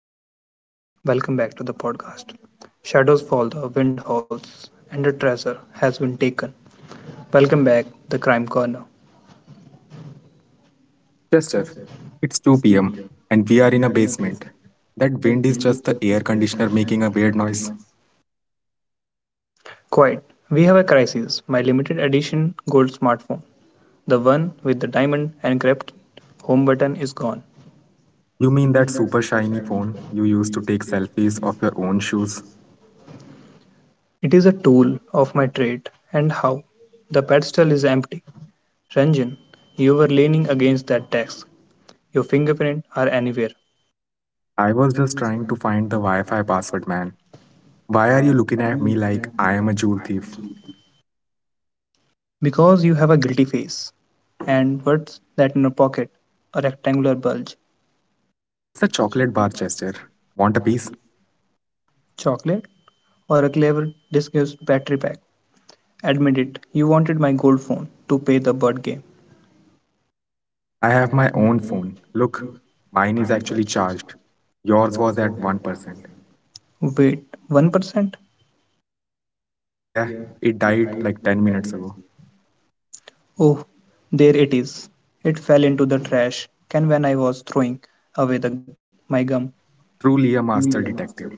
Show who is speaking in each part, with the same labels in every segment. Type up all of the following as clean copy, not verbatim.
Speaker 1: everyone, welcome back to the podcast. Shadows Fall, the Wind Howls, and the Treasure has been taken. Welcome back, the Crime Corner.
Speaker 2: Chester, it's 2 p.m. and we are in a basement. That wind is just the air conditioner making a weird noise.
Speaker 1: Quiet, we have a crisis. My limited edition gold smartphone, the one with the diamond engraved home button, is gone.
Speaker 2: You mean that super shiny phone you used to take selfies of your own shoes?
Speaker 1: It is a tool of my trade, and how? The pedestal is empty. Ranjan, you were leaning against that desk. Your fingerprints are anywhere.
Speaker 2: I was just trying to find the Wi Fi password, man. Why are you looking at me like I am a jewel thief?
Speaker 1: Because you have a guilty face. And what's that in your pocket? A rectangular bulge.
Speaker 2: It's a chocolate bar, Chester. Want a piece?
Speaker 1: Chocolate? Or a clever disguised battery pack? Admit it, you wanted my gold phone to pay the bird game.
Speaker 2: I have my own phone. Look, mine is actually charged. Yours was at 1%.
Speaker 1: Wait, 1%?
Speaker 2: Yeah, it died like 10 minutes ago.
Speaker 1: Oh, there it is. It fell into the trash can when I was throwing away my gum.
Speaker 2: Truly a master detective.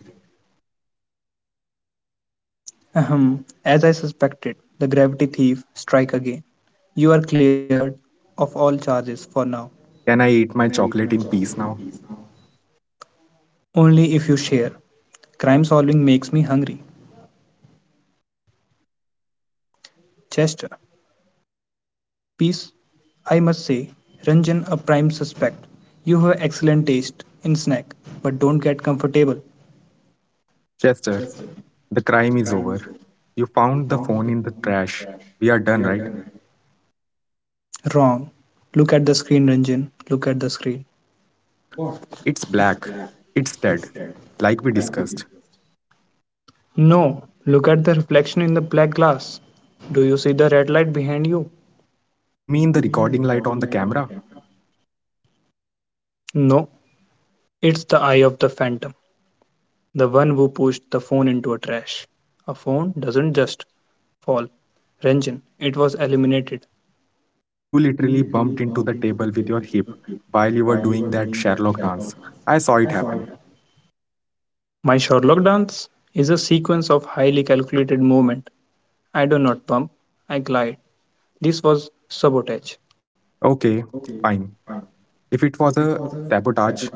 Speaker 1: Ahem. As I suspected, the gravity thief strike again. You are cleared of all charges for now,
Speaker 2: Can I eat my chocolate in peace now?
Speaker 1: only if you share. Crime solving makes me hungry. Chester. Peace, I must say. Ranjan a prime suspect. You have excellent taste in snack, but don't get comfortable.
Speaker 2: Chester, the crime is over. You found the phone in the trash. We are done, right?
Speaker 1: Wrong. Look at the screen, Ranjan. Look at the screen.
Speaker 2: What? It's black. It's dead. Like we discussed.
Speaker 1: No. Look at the reflection in the black glass. Do you see the red light behind you?
Speaker 2: You mean the recording light on the camera?
Speaker 1: No. It's the eye of the phantom. The one who pushed the phone into a trash. A phone doesn't just fall. Ranjan, it was eliminated.
Speaker 2: You literally bumped into the table with your hip while you were doing that Sherlock dance. I saw it happen.
Speaker 1: My Sherlock dance is a sequence of highly calculated movement. I do not pump, I glide. This was sabotage.
Speaker 2: Okay, fine. If it was a sabotage,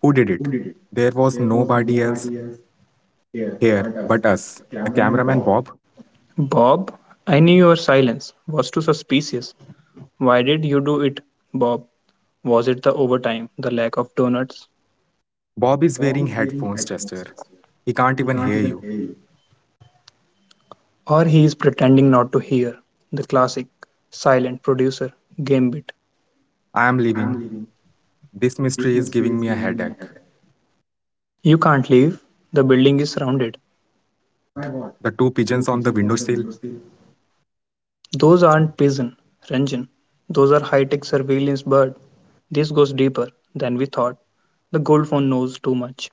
Speaker 2: who did it? There was nobody else here but us. The cameraman Bob.
Speaker 1: Bob, I knew your silence was too suspicious. Why did you do it, Bob? Was it the overtime, the lack of donuts?
Speaker 2: Bob is wearing headphones, Chester. He can't even hear you.
Speaker 1: Or he is pretending not to hear? The classic silent producer gambit.
Speaker 2: I am leaving. This mystery is giving me a headache.
Speaker 1: You can't leave. The building is surrounded.
Speaker 2: By what? The two pigeons on the windowsill?
Speaker 1: Those aren't pigeon, Ranjan. Those are high-tech surveillance bird. This goes deeper than we thought. The gold phone knows too much.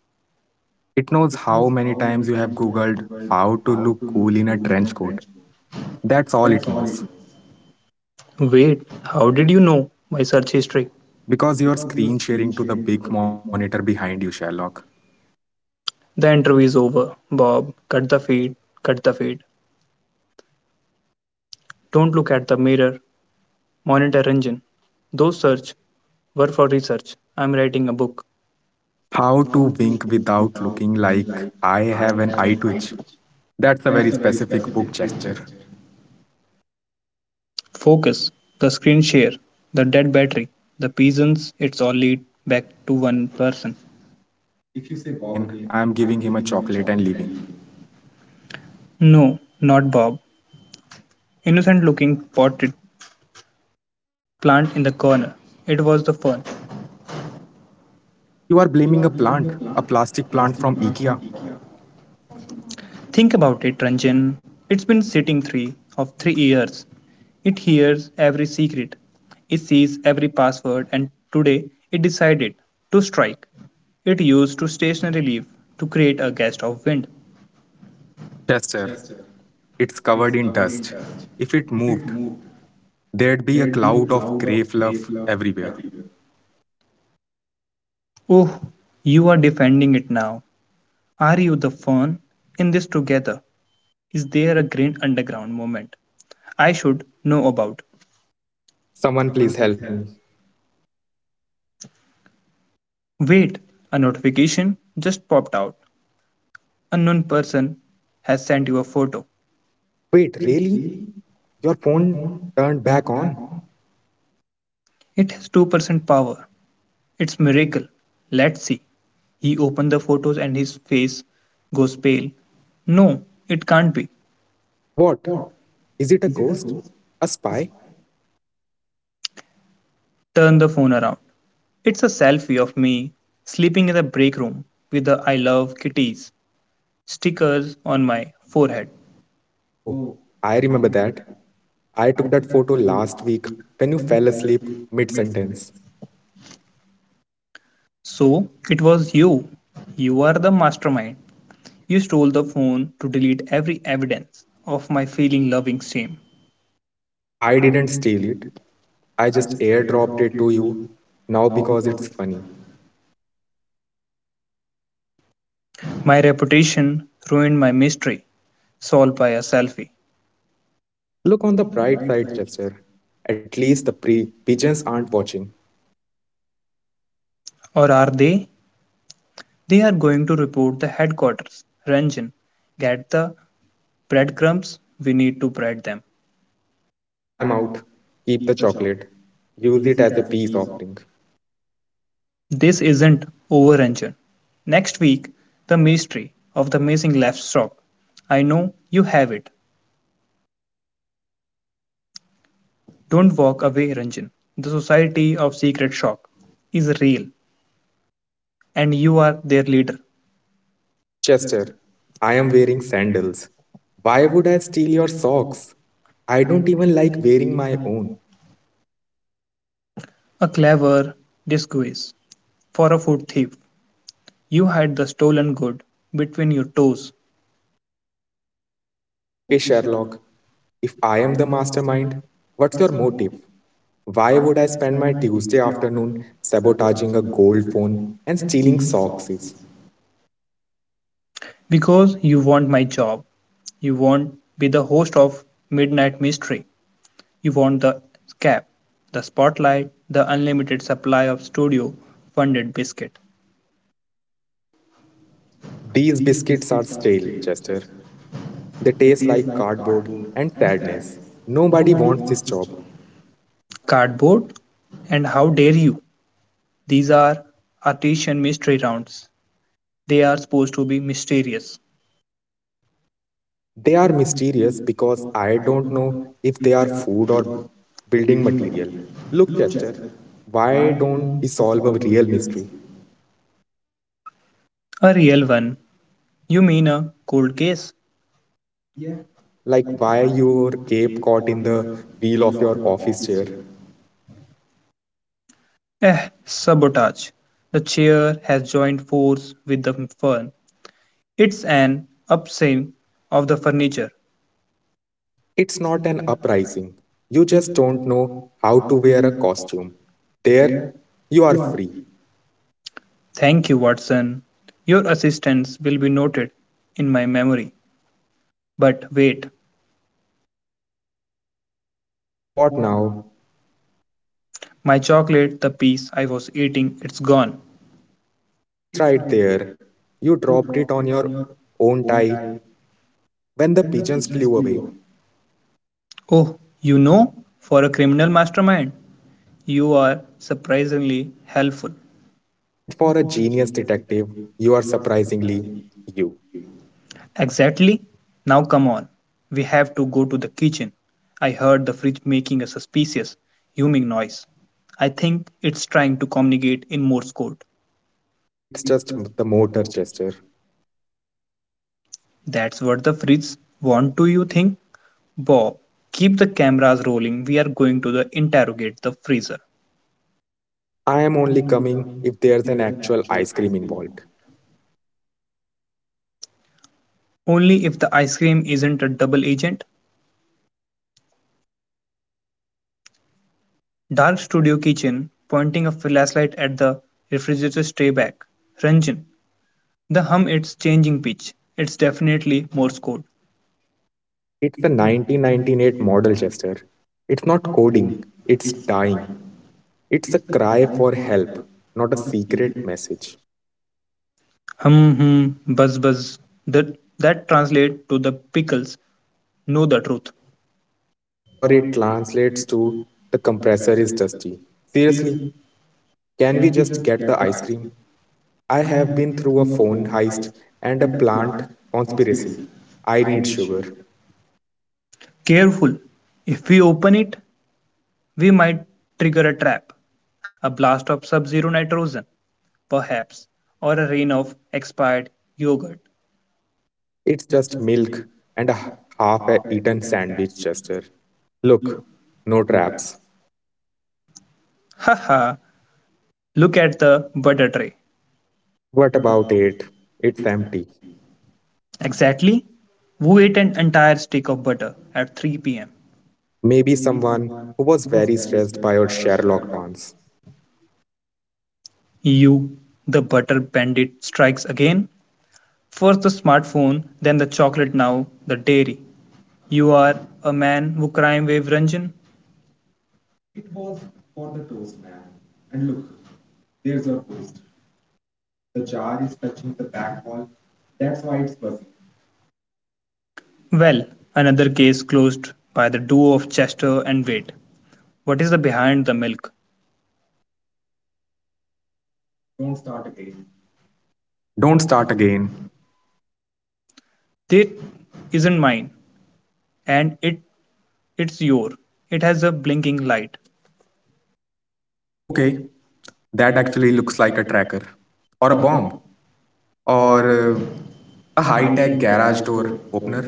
Speaker 2: It knows how many times you have Googled how to look cool in a trench coat. That's all it knows.
Speaker 1: Wait, how did you know my search history?
Speaker 2: Because you're screen sharing to the big monitor behind you, Sherlock.
Speaker 1: The interview is over. Bob, cut the feed, cut the feed. Don't look at the mirror. Monitor Ranjan. Those search were for research. I'm writing a book.
Speaker 2: How to Wink Without Looking Like I Have an Eye Twitch. That's a very specific book gesture.
Speaker 1: Focus, the screen share, the dead battery, the pigeons, it's all lead back to one person.
Speaker 2: If you say Bob again, I am giving him a chocolate and leaving.
Speaker 1: No, not Bob. Innocent looking potted plant in the corner. It was the fern.
Speaker 2: You are blaming a plant, a plastic plant from IKEA.
Speaker 1: Think about it, Ranjan. It's been sitting 3 years. It hears every secret. It sees every password and today it decided to strike. It used to stationary leaf to create a gust of wind.
Speaker 2: Chester, it's covered in dust. If it moved, there'd be a cloud of grey fluff everywhere.
Speaker 1: Oh, you are defending it now. Are you the fern in this together? Is there a green underground movement I should know about?
Speaker 2: Someone please help me.
Speaker 1: Wait, a notification just popped out. Unknown person has sent you a photo.
Speaker 2: Wait, really? Your phone turned back on?
Speaker 1: It has 2% power. It's miracle. Let's see. He opened the photos and his face goes pale. No, it can't be.
Speaker 2: What? Is it a ghost? A spy?
Speaker 1: Turn the phone around. It's a selfie of me sleeping in the break room with the I love kitties stickers on my forehead.
Speaker 2: Oh, I remember that. I took that photo last week when you fell asleep mid sentence.
Speaker 1: So it was you. You are the mastermind. You stole the phone to delete every evidence of my feeling loving shame.
Speaker 2: I didn't steal it, I just airdropped it to you now because it's funny.
Speaker 1: My reputation ruined my mystery, solved by a selfie.
Speaker 2: Look on the bright side, Chester. At least the pigeons aren't watching.
Speaker 1: Or are they? They are going to report the headquarters. Ranjan, get the breadcrumbs. We need to bread them.
Speaker 2: I am out. Keep the chocolate. Use it as a peace offering.
Speaker 1: This isn't over, Ranjan. Next week, the mystery of the missing laptop. I know you have it. Don't walk away, Ranjan. The Society of Secret Shock is real, and you are their leader.
Speaker 2: Chester, I am wearing sandals. Why would I steal your socks? I don't even like wearing my own.
Speaker 1: A clever disguise for a food thief. You hide the stolen good between your toes
Speaker 2: Okay, Sherlock, if I am the mastermind, what's your motive? Why would I spend my Tuesday afternoon sabotaging a gold phone and stealing socks?
Speaker 1: because you want my job. You want not be the host of Midnight Mystery. You want the cap, the spotlight, the unlimited supply of studio funded biscuit,
Speaker 2: These biscuits are stale, Chester. They taste like cardboard and sadness. Nobody wants this job.
Speaker 1: cardboard, and how dare you? These are artisan mystery rounds. They are supposed to be mysterious.
Speaker 2: They are mysterious because I don't know if they are food or building material. Look, Chester, why don't we solve a real mystery?
Speaker 1: A real one. You mean a cold case?
Speaker 2: Yeah, like why your cape caught in the wheel of your office chair.
Speaker 1: Eh, sabotage. The chair has joined force with the fern. It's an upswing of the furniture.
Speaker 2: It's not an uprising. You just don't know how to wear a costume. There, you are free.
Speaker 1: Thank you, Watson. Your assistance will be noted in my memory. But wait,
Speaker 2: What now?
Speaker 1: my chocolate, the piece I was eating, it's gone.
Speaker 2: It's right there. You dropped it on your own tie when the pigeons flew away.
Speaker 1: Oh, you know, for a criminal mastermind, you are surprisingly helpful.
Speaker 2: And for a genius detective, you are surprisingly you.
Speaker 1: Exactly. Now come on. We have to go to the kitchen. I heard the fridge making a suspicious humming noise. I think it's trying to communicate in Morse code.
Speaker 2: It's just the motor gesture.
Speaker 1: That's what the fridge want do you think? Bob, keep the cameras rolling. We are going to the interrogate the freezer.
Speaker 2: I am only coming if there's an actual ice cream involved.
Speaker 1: Only if the ice cream isn't a double agent. Dark studio kitchen, pointing a flashlight at the refrigerator tray back. Ranjan, the hum it's changing pitch. It's definitely Morse code.
Speaker 2: It's the 1998 model gesture. It's not coding, it's dying. It's a cry for help, not a secret message.
Speaker 1: Hum hum, buzz buzz. That that translate to the pickles. Know the truth.
Speaker 2: Or it translates to the compressor is dusty. Seriously, can we just get the ice cream? I have been through a phone heist and a plant conspiracy. I need sugar.
Speaker 1: Careful. If we open it, we might trigger a trap, a blast of sub-zero nitrogen, perhaps, or a rain of expired yogurt.
Speaker 2: It's just milk and a half eaten sandwich, Chester. Look, no traps.
Speaker 1: Haha. Look at the butter tray.
Speaker 2: What about it? It's empty.
Speaker 1: Exactly. Who ate an entire stick of butter at 3 p.m.?
Speaker 2: Maybe someone who was very stressed by your Sherlock dance.
Speaker 1: You, the butter bandit, strikes again. First the smartphone, then the chocolate, now the dairy. You are a man who crime wave Ranjan?
Speaker 2: It was for the toast, man. And look, there's your ghost. The jar is touching the back wall. That's why it's buzzing. Well,
Speaker 1: Well, another case closed by the duo of Chester and Wade.
Speaker 2: what
Speaker 1: What
Speaker 2: is the
Speaker 1: is the
Speaker 2: behind
Speaker 1: behind
Speaker 2: the
Speaker 1: the
Speaker 2: myth?
Speaker 1: milk?
Speaker 2: Don't start again.
Speaker 1: It isn't mine, and it it's yours. It has a blinking light.
Speaker 2: Okay, that actually looks like a tracker. Or a bomb. Or a high tech garage door opener.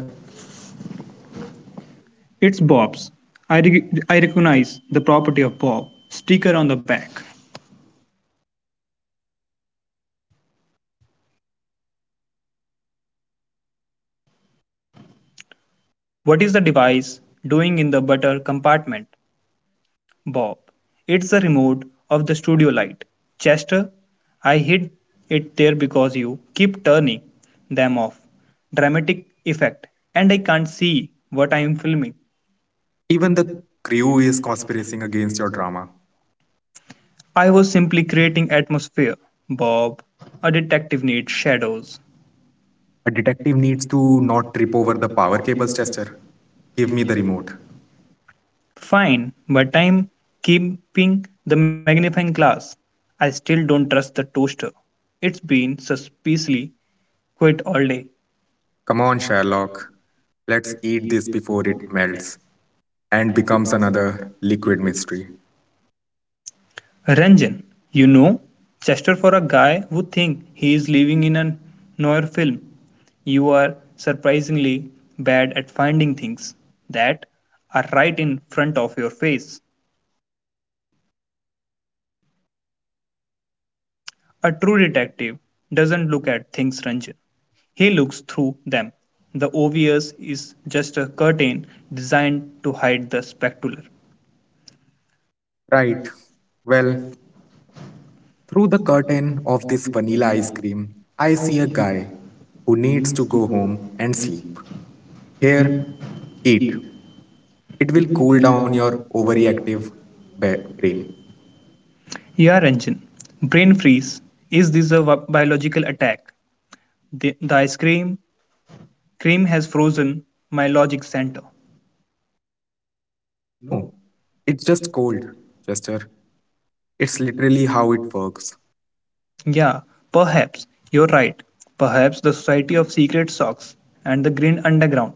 Speaker 1: It's Bob's. I recognize the property of Bob. Sticker on the back. What is the device doing in the butter compartment? Bob. It's the remote of the studio light. Chester, I hid it there because you keep turning them off. Dramatic effect. And I can't see what I am filming.
Speaker 2: Even the crew is conspiring against your drama.
Speaker 1: I was simply creating atmosphere. Bob, a detective needs shadows.
Speaker 2: A detective needs to not trip over the power cables, tester. Give me the remote.
Speaker 1: Fine, but I'm keeping the magnifying glass. I still don't trust the toaster. It's been suspiciously quiet all day.
Speaker 2: Come on, Sherlock. Let's eat this before it melts and becomes another liquid mystery.
Speaker 1: Ranjan. You know, Chester for a guy who thinks he is living in a noir film, you are surprisingly bad at finding things that are right in front of your face. A true detective doesn't look at things, Ranjan. He looks through them. The obvious is just a curtain designed to hide the spectacular.
Speaker 2: Right. Well, through the curtain of this vanilla ice cream, I see a guy who needs to go home and sleep. Here, eat. It will cool down your overreactive brain.
Speaker 1: Yeah, Ranjan. Brain freeze. Is this a biological attack? The ice cream has frozen my logic center.
Speaker 2: No, it's just cold, Chester. It's literally how it works.
Speaker 1: Yeah, perhaps you're right. Perhaps the Society of Secret Socks and the Green Underground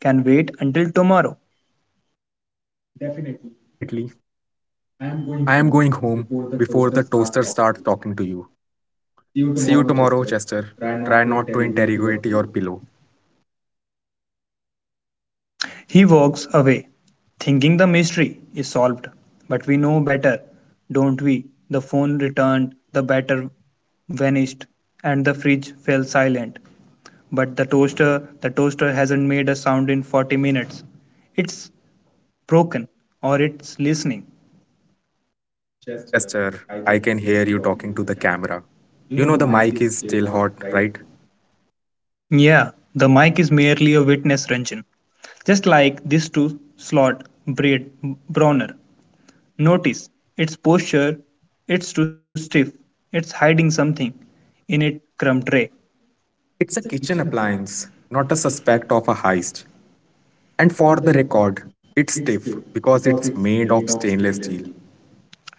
Speaker 1: can wait until tomorrow.
Speaker 2: Definitely, I am going home before the toaster starts talking to you. See you tomorrow, Chester. Try not to interrogate your pillow.
Speaker 1: He walks away, thinking the mystery is solved. But we know better, don't we? The phone returned, the batter vanished, and the fridge fell silent. But the toaster hasn't made a sound in 40 minutes. It's broken or it's listening.
Speaker 2: Chester, I can hear you talking to the camera. You know the mic is still hot, right?
Speaker 1: Yeah, the mic is merely a witness, Ranjan. Just like this two slot braid Bronner. Notice its posture, it's too stiff, it's hiding something in it crumb tray.
Speaker 2: It's a kitchen appliance, not a suspect of a heist. And for the record, it's stiff because it's made of stainless steel.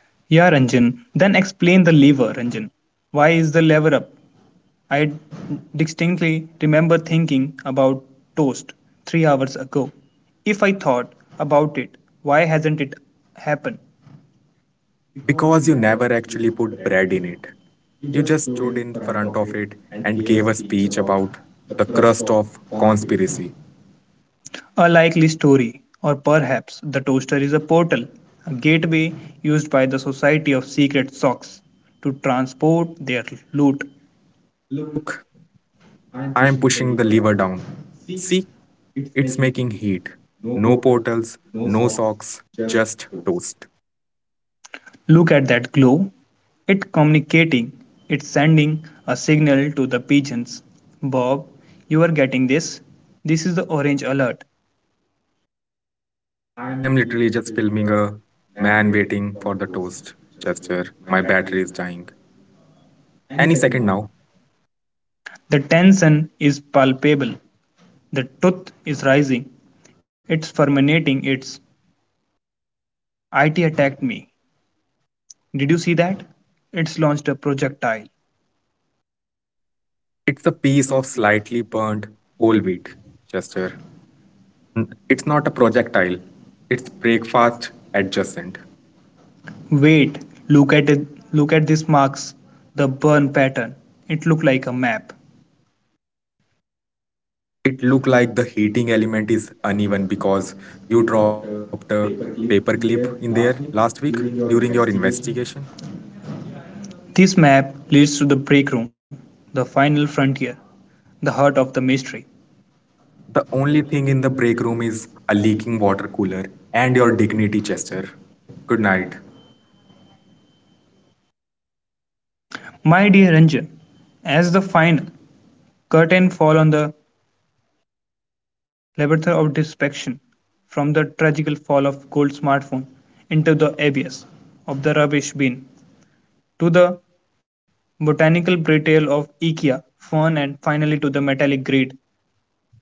Speaker 1: Yeah, Ranjan. Then explain the lever, Ranjan. Why is the lever up? I distinctly remember thinking about toast 3 hours ago. If I thought about it, why hasn't it happened?
Speaker 2: Because you never actually put bread in it. You just stood in front of it and gave a speech about the crust of conspiracy.
Speaker 1: A likely story, or perhaps the toaster is a portal, a gateway used by the Society of Secret Socks to transport their loot.
Speaker 2: Look, I am pushing the lever down. See, it's making heat. No portals, no socks, just toast.
Speaker 1: Look at that glow. It's communicating, it's sending a signal to the pigeons. Bob, you are getting this? This is the orange alert.
Speaker 2: I am literally just filming a man waiting for the toast gesture. My battery is dying. Any second now.
Speaker 1: The tension is palpable. The tooth is rising. It's fulminating. It's IT attacked me. Did you see that? It's launched a projectile.
Speaker 2: It's a piece of slightly burnt whole wheat gesture. It's not a projectile. It's breakfast adjacent.
Speaker 1: Wait, look at it. Look at these marks, the burn pattern. It looked like a map.
Speaker 2: It look like the heating element is uneven because you dropped a paperclip in there last week during your investigation.
Speaker 1: This map leads to the break room, the final frontier, the heart of the mystery.
Speaker 2: The only thing in the break room is a leaking water cooler and your dignity, Chester. Good night.
Speaker 1: My dear Ranjan, as the final curtain fall on the labyrinth of destruction from the tragical fall of gold smartphone into the abyss of the rubbish bin to the botanical brittle of IKEA, fern and finally to the metallic grid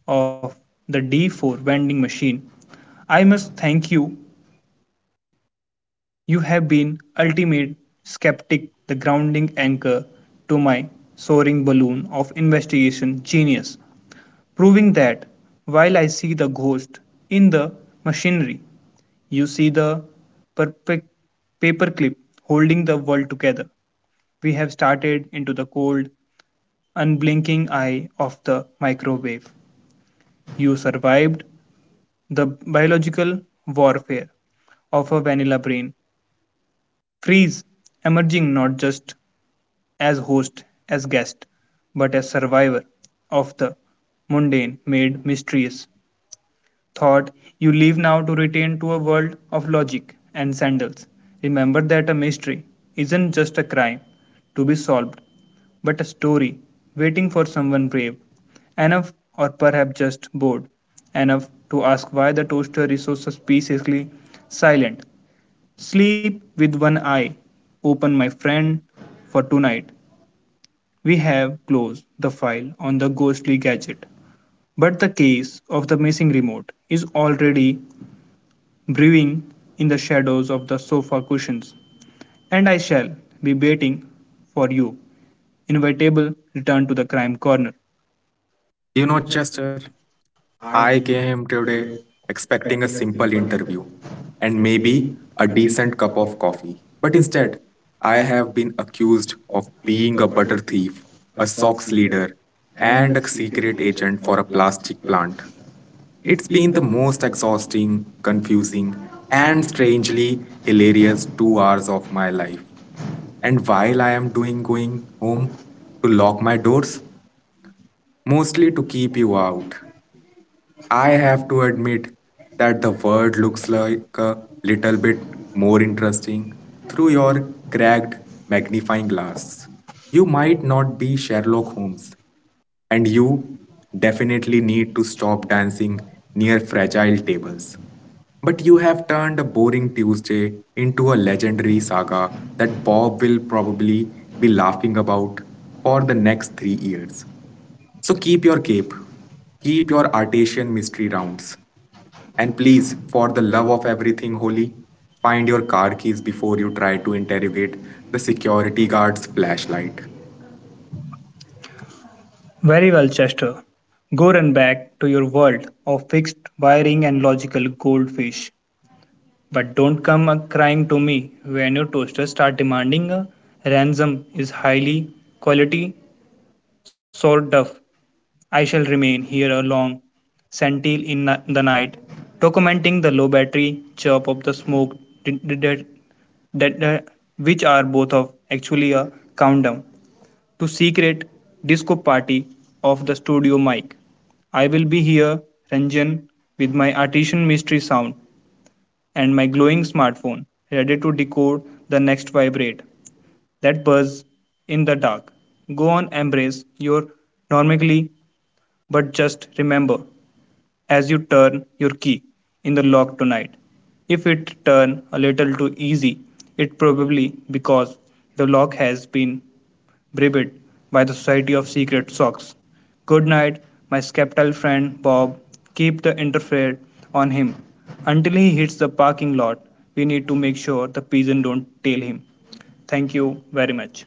Speaker 1: of the D4 vending machine. I must thank you. You have been ultimate skeptic, the grounding anchor to my soaring balloon of investigation genius, proving that while I see the ghost in the machinery, you see the perfect paperclip holding the world together. We have started into the cold, unblinking eye of the microwave. You survived the biological warfare of a vanilla brain. Freeze, emerging not just as host, as guest, but as survivor of the mundane made mysterious thought you leave now to return to a world of logic and sandals. Remember that a mystery isn't just a crime to be solved, but a story waiting for someone brave enough, or perhaps just bored enough, to ask why the toaster is so suspiciously silent. Sleep with one eye open, my friend, for tonight. We have closed the file on the ghostly gadget. But the case of the missing remote is already brewing in the shadows of the sofa cushions, and I shall be waiting for you. Inevitable return to the crime corner.
Speaker 2: You know, Chester, I came today expecting a simple interview and maybe a decent cup of coffee. But instead, I have been accused of being a butter thief, a socks leader, and a secret agent for a plastic plant. It's been the most exhausting, confusing, and strangely hilarious 2 hours of my life. And while I am doing going home to lock my doors, mostly to keep you out. I have to admit that the world looks like a little bit more interesting through your cracked magnifying glass. You might not be Sherlock Holmes, and you definitely need to stop dancing near fragile tables. But you have turned a boring Tuesday into a legendary saga that Bob will probably be laughing about for the next 3 years. So keep your cape, keep your artesian mystery rounds, and please, for the love of everything holy, find your car keys before you try to interrogate the security guard's flashlight.
Speaker 1: Very well, Chester. Go run back to your world of fixed wiring and logical goldfish. But don't come a crying to me when your toasters start demanding a ransom is highly quality Sword Duff, I shall remain here a long sentinel in the night, documenting the low battery chirp of the smoke d- d- d- that, which are both of actually a countdown to secret disco party of the studio mic. I will be here, Ranjan, with my artisan mystery sound and my glowing smartphone, ready to decode the next vibrate that buzz in the dark. Go on, embrace your normalcy, but just remember as you turn your key in the lock tonight, if it turn a little too easy, it probably because the lock has been bribed by the Society of Secret Socks. Good night, my skeptical friend Bob. Keep the interfere on him until he hits the parking lot. We need to make sure the pigeon don't tail him. Thank you very much.